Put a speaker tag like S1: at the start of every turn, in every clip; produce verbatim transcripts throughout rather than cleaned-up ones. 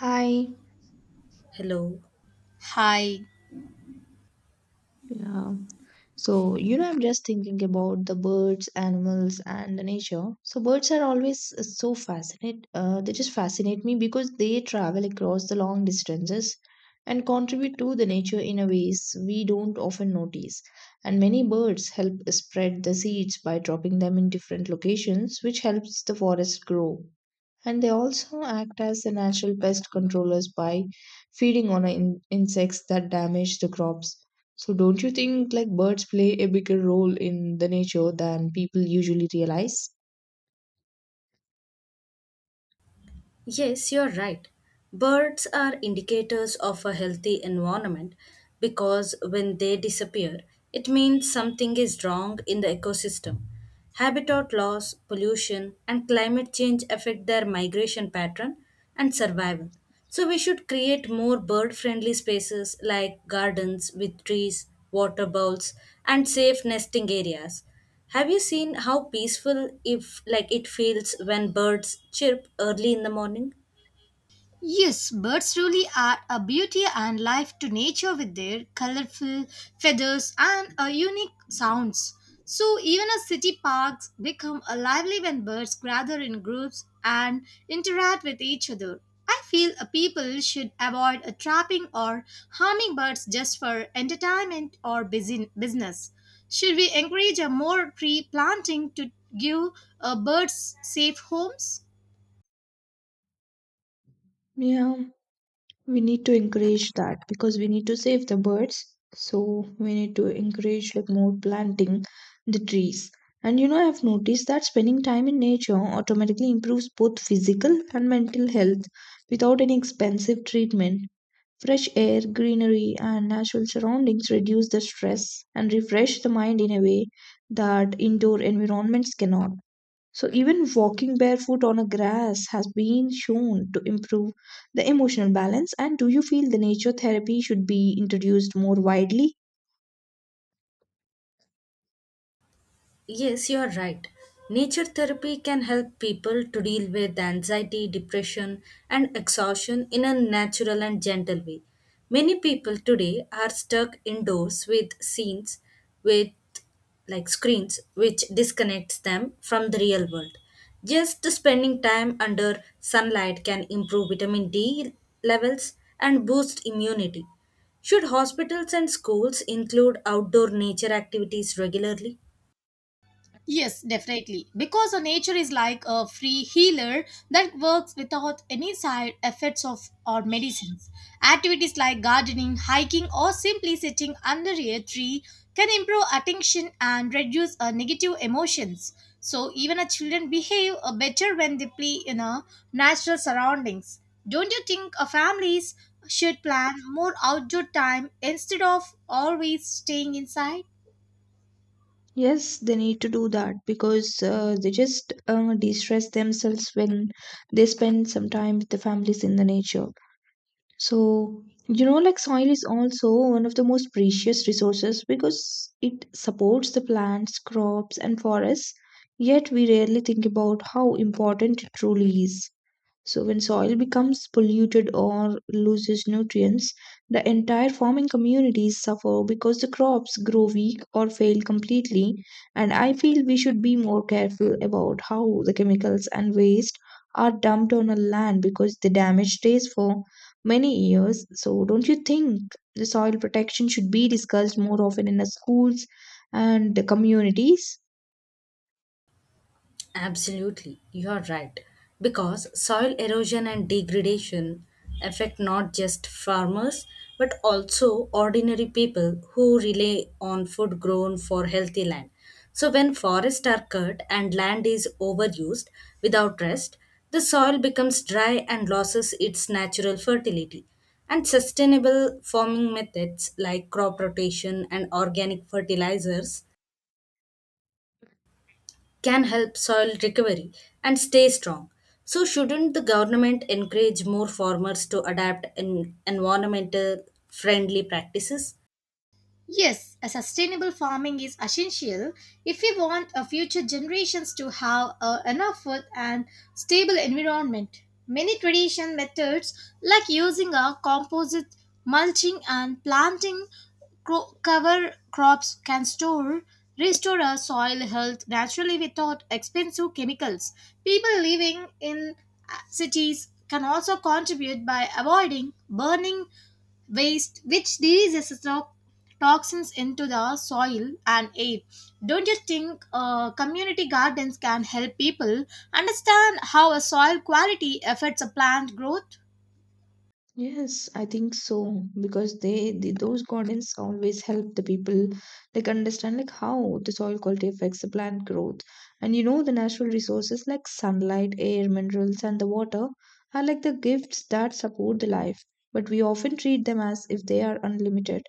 S1: Hi.
S2: Hello.
S3: Hi.
S1: Yeah. So, you know, I'm just thinking about the birds, animals, and the nature. So, birds are always uh, so fascinate. Uh, they just fascinate me because they travel across the long distances and contribute to the nature in a ways we don't often notice. And many birds help spread the seeds by dropping them in different locations, which helps the forest grow. And they also act as the natural pest controllers by feeding on in- insects that damage the crops. So, don't you think like birds play a bigger role in the nature than people usually realize?
S2: Yes, you're right. Birds are indicators of a healthy environment because when they disappear, it means something is wrong in the ecosystem. Habitat loss, pollution, and climate change affect their migration pattern and survival. So we should create more bird friendly spaces like gardens with trees, water bowls, and safe nesting areas. Have you seen how peaceful if like it feels when birds chirp early in the morning?
S3: Yes, birds really are a beauty and life to nature with their colorful feathers and a unique sounds. So even a city parks become a lively when birds gather in groups and interact with each other. I feel a people should avoid a trapping or harming birds just for entertainment or busy business. Should we encourage a more tree planting to give uh, birds safe homes?
S1: Yeah, we need to encourage that because we need to save the birds. So we need to encourage like more planting the trees. And you know, I've noticed that spending time in nature automatically improves both physical and mental health without any expensive treatment. Fresh air, greenery, and natural surroundings reduce the stress and refresh the mind in a way that indoor environments cannot. So, even walking barefoot on a grass has been shown to improve the emotional balance. And do you feel the nature therapy should be introduced more widely?
S2: Yes, you are right. Nature therapy can help people to deal with anxiety, depression, and exhaustion in a natural and gentle way. Many people today are stuck indoors with scenes with like screens which disconnects them from the real world. Just spending time under sunlight can improve vitamin D levels and boost immunity. Should hospitals and schools include outdoor nature activities regularly?
S3: Yes, definitely. Because our nature is like a free healer that works without any side effects of or medicines. Activities like gardening, hiking, or simply sitting under a tree can improve attention and reduce our negative emotions. So even our children behave uh, better when they play in our natural surroundings. Don't you think our families should plan more outdoor time instead of always staying inside?
S1: Yes, they need to do that because uh, they just uh, de stress themselves when they spend some time with the families in the nature. So, you know, like soil is also one of the most precious resources because it supports the plants, crops, and forests. Yet, we rarely think about how important it truly is. So, when soil becomes polluted or loses nutrients, the entire farming communities suffer because the crops grow weak or fail completely. And I feel we should be more careful about how the chemicals and waste are dumped on a land because the damage stays for many years. So, don't you think the soil protection should be discussed more often in the schools and the communities?
S2: Absolutely, you are right. Because soil erosion and degradation affect not just farmers but also ordinary people who rely on food grown for healthy land. So, when forests are cut and land is overused without rest, the soil becomes dry and loses its natural fertility. And sustainable farming methods like crop rotation and organic fertilizers can help soil recovery and stay strong. So shouldn't the government encourage more farmers to adapt in environmental friendly practices?
S3: Yes, a sustainable farming is essential if we want our future generations to have uh, enough food and stable environment. Many traditional methods like using a composite mulching and planting cro- cover crops can store restore our soil health naturally without expensive chemicals. People living in uh, cities can also contribute by avoiding burning waste which releases to- toxins into the soil and air. Don't you think uh, community gardens can help people understand how a soil quality affects a plant growth?
S1: Yes, I think so because they, they those gardens always help the people like understand like how the soil quality affects the plant growth. And you know the natural resources like sunlight, air, minerals and the water are like the gifts that support the life, but we often treat them as if they are unlimited.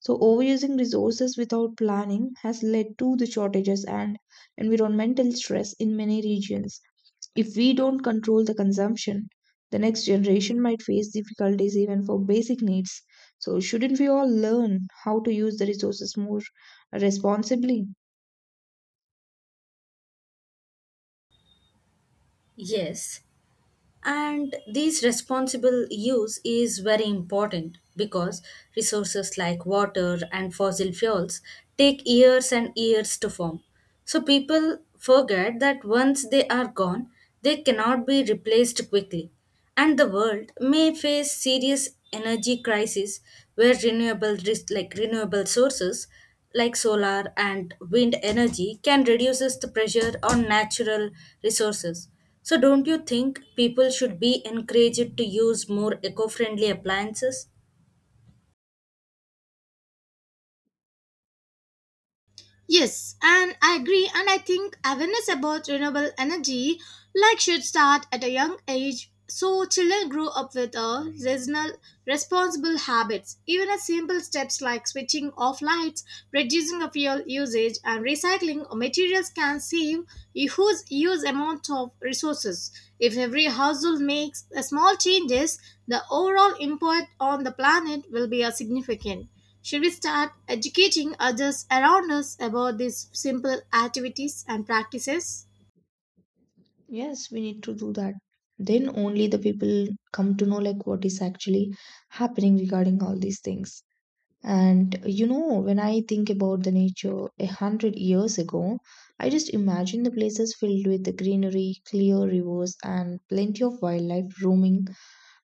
S1: So overusing resources without planning has led to the shortages and environmental stress in many regions. If we don't control the consumption, the next generation might face difficulties even for basic needs. So, shouldn't we all learn how to use the resources more responsibly?
S2: Yes, and this responsible use is very important because resources like water and fossil fuels take years and years to form. So people forget that once they are gone, they cannot be replaced quickly. And the world may face serious energy crisis where renewable res- like renewable sources like solar and wind energy can reduces the pressure on natural resources. So don't you think people should be encouraged to use more eco-friendly appliances?
S3: Yes, and I agree, and I think awareness about renewable energy like should start at a young age so children grow up with a seasonal responsible habits. Even as simple steps like switching off lights, reducing of fuel usage and recycling of materials can save use use amount of resources if every household makes a small changes, the overall impact on the planet will be a significant. Should we start educating others around us about these simple activities and practices?
S1: Yes, we need to do that. Then only the people come to know like what is actually happening regarding all these things. And you know, when I think about the nature a hundred years ago, I just imagine the places filled with the greenery, clear rivers, and plenty of wildlife roaming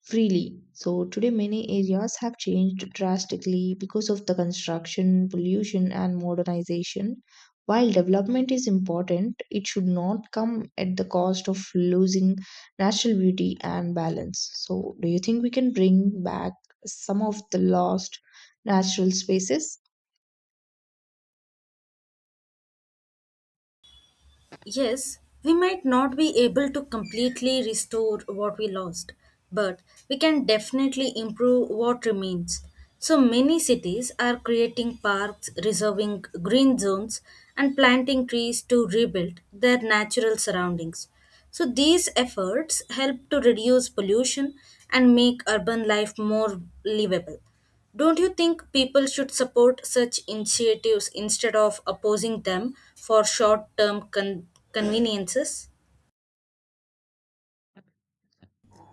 S1: freely. So today, many areas have changed drastically because of the construction, pollution, and modernization. While development is important, it should not come at the cost of losing natural beauty and balance. So, do you think we can bring back some of the lost natural spaces?
S2: Yes, we might not be able to completely restore what we lost, but we can definitely improve what remains. So many cities are creating parks, reserving green zones, and planting trees to rebuild their natural surroundings. So these efforts help to reduce pollution and make urban life more livable. Don't you think people should support such initiatives instead of opposing them for short term con- conveniences?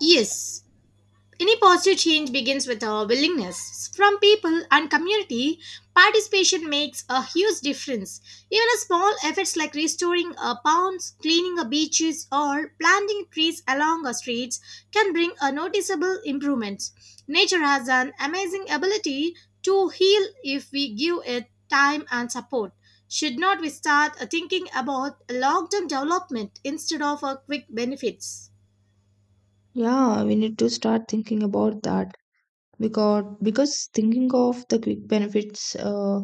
S3: Yes. Any positive change begins with our willingness from people and community. Participation makes a huge difference. Even a small efforts like restoring a ponds, cleaning a beaches, or planting trees along our streets can bring a noticeable improvement. Nature has an amazing ability to heal if we give it time and support. Should not we start uh, thinking about long-term development instead of uh, quick benefits?
S1: Yeah, we need to start thinking about that, because because thinking of the quick benefits uh,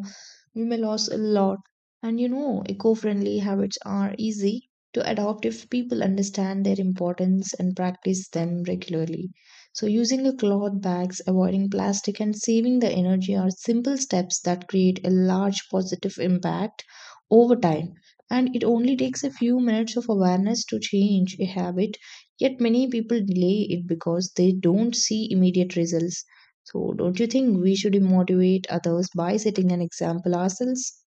S1: we may lose a lot. And you know eco-friendly habits are easy to adopt if people understand their importance and practice them regularly. So using a cloth bags avoiding plastic and saving the energy are simple steps that create a large positive impact over time. And it only takes a few minutes of awareness to change a habit. Yet many people delay it because they don't see immediate results. So, don't you think we should motivate others by setting an example ourselves?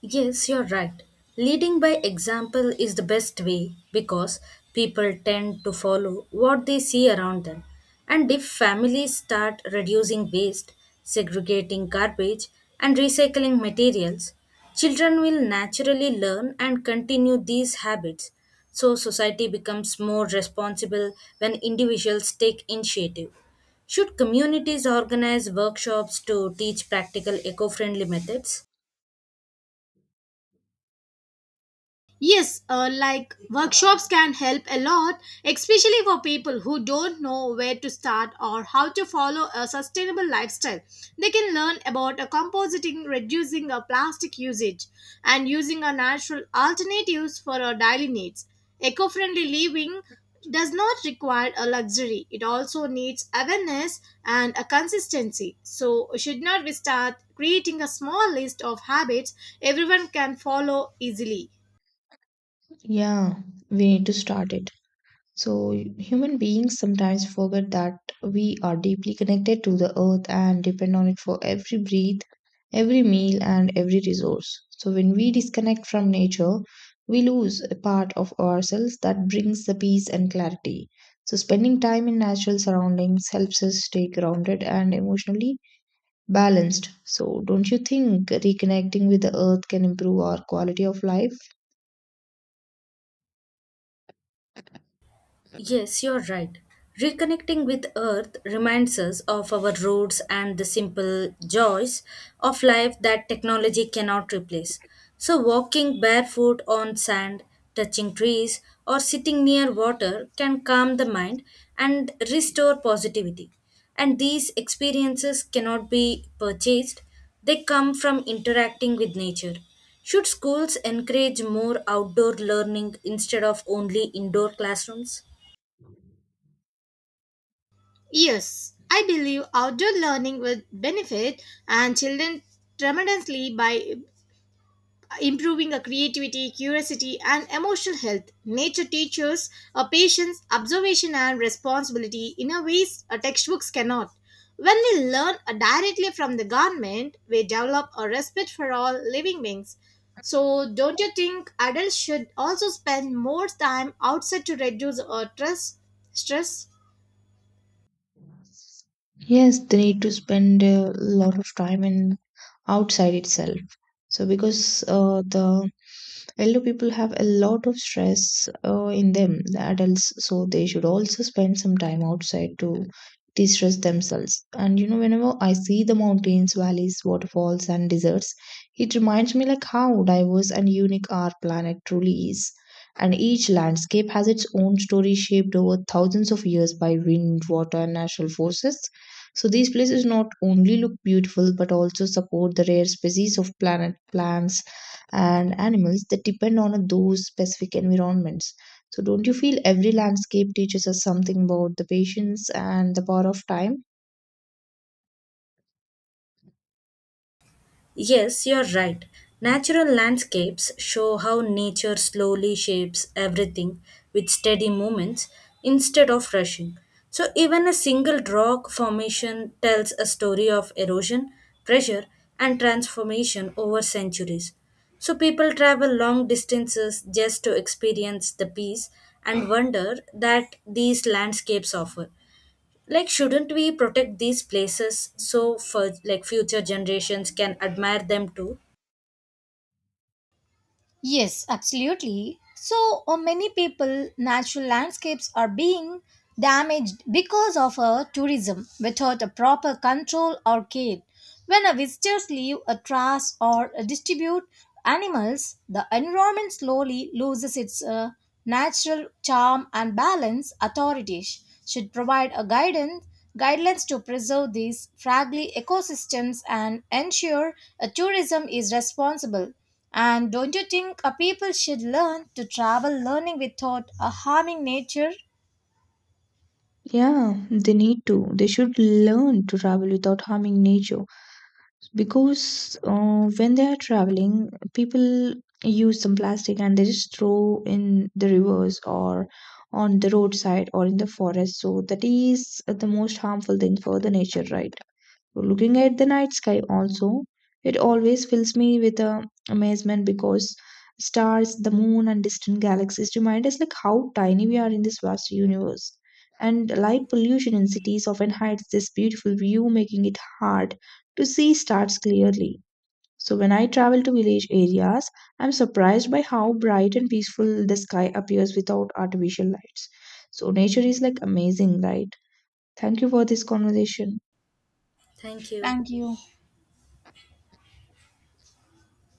S2: Yes, you're right. Leading by example is the best way because people tend to follow what they see around them. And if families start reducing waste, segregating garbage, and recycling materials, children will naturally learn and continue these habits. So society becomes more responsible when individuals take initiative. Should communities organize workshops to teach practical eco friendly methods?
S3: Yes, uh, like workshops can help a lot, especially for people who don't know where to start or how to follow a sustainable lifestyle. They can learn about a compositing, reducing a plastic usage, and using a natural alternatives for our daily needs. Eco-friendly living does not require a luxury. It also needs awareness and a consistency. So, should not we start creating a small list of habits everyone can follow easily?
S1: Yeah, we need to start it. So, human beings sometimes forget that we are deeply connected to the earth and depend on it for every breath, every meal, and every resource. So, when we disconnect from nature, we lose a part of ourselves that brings the peace and clarity. So, spending time in natural surroundings helps us stay grounded and emotionally balanced. So, don't you think reconnecting with the earth can improve our quality of life?
S2: Yes, you're right. Reconnecting with Earth reminds us of our roots and the simple joys of life that technology cannot replace. So walking barefoot on sand, touching trees, or sitting near water can calm the mind and restore positivity. And these experiences cannot be purchased, they come from interacting with nature. Should schools encourage more outdoor learning instead of only indoor classrooms?
S3: Yes, I believe outdoor learning will benefit and children tremendously by improving a creativity, curiosity, and emotional health. Nature teaches a patience, observation, and responsibility in a ways a textbooks cannot. When we learn uh, directly from the government, we develop a respect for all living beings. So, don't you think adults should also spend more time outside to reduce uh, stress? Stress.
S1: Yes, they need to spend a lot of time in outside itself. So because uh, the elder people have a lot of stress uh, in them, the adults, so they should also spend some time outside to de-stress themselves. And you know whenever I see the mountains valleys waterfalls and deserts, it reminds me like how diverse and unique our planet truly is. And each landscape has its own story shaped over thousands of years by wind water and natural forces. So these places not only look beautiful but also support the rare species of planet plants and animals that depend on those specific environments. So don't you feel every landscape teaches us something about the patience and the power of time?
S2: Yes, you're right. Natural landscapes show how nature slowly shapes everything with steady movements instead of rushing. So, even a single rock formation tells a story of erosion, pressure, and transformation over centuries. So people travel long distances just to experience the peace and wonder that these landscapes offer. Like, shouldn't we protect these places so for like future generations can admire them too.
S3: Yes, absolutely. So uh, many people, natural landscapes are being damaged because of uh, tourism without a proper control or care. When a visitors leave a trash or uh, distribute animals, the environment slowly loses its uh, natural charm and balance. Authorities should provide a guidance guidelines to preserve these fragile ecosystems and ensure uh, tourism is responsible. And don't you think uh, people should learn to travel learning without uh, harming nature?
S1: Yeah, they need to. They should learn to travel without harming nature, because uh, when they are traveling people use some plastic and they just throw in the rivers or on the roadside or in the forest. So that is the most harmful thing for the nature, right? Looking at the night sky also, it always fills me with uh, amazement because stars the moon and distant galaxies remind us like how tiny we are in this vast universe. And light pollution in cities often hides this beautiful view making it hard to see stars clearly. So when I travel to village areas, I'm surprised by how bright and peaceful the sky appears without artificial lights. So nature is like amazing, right? Thank you for this conversation.
S2: Thank you.
S3: Thank you.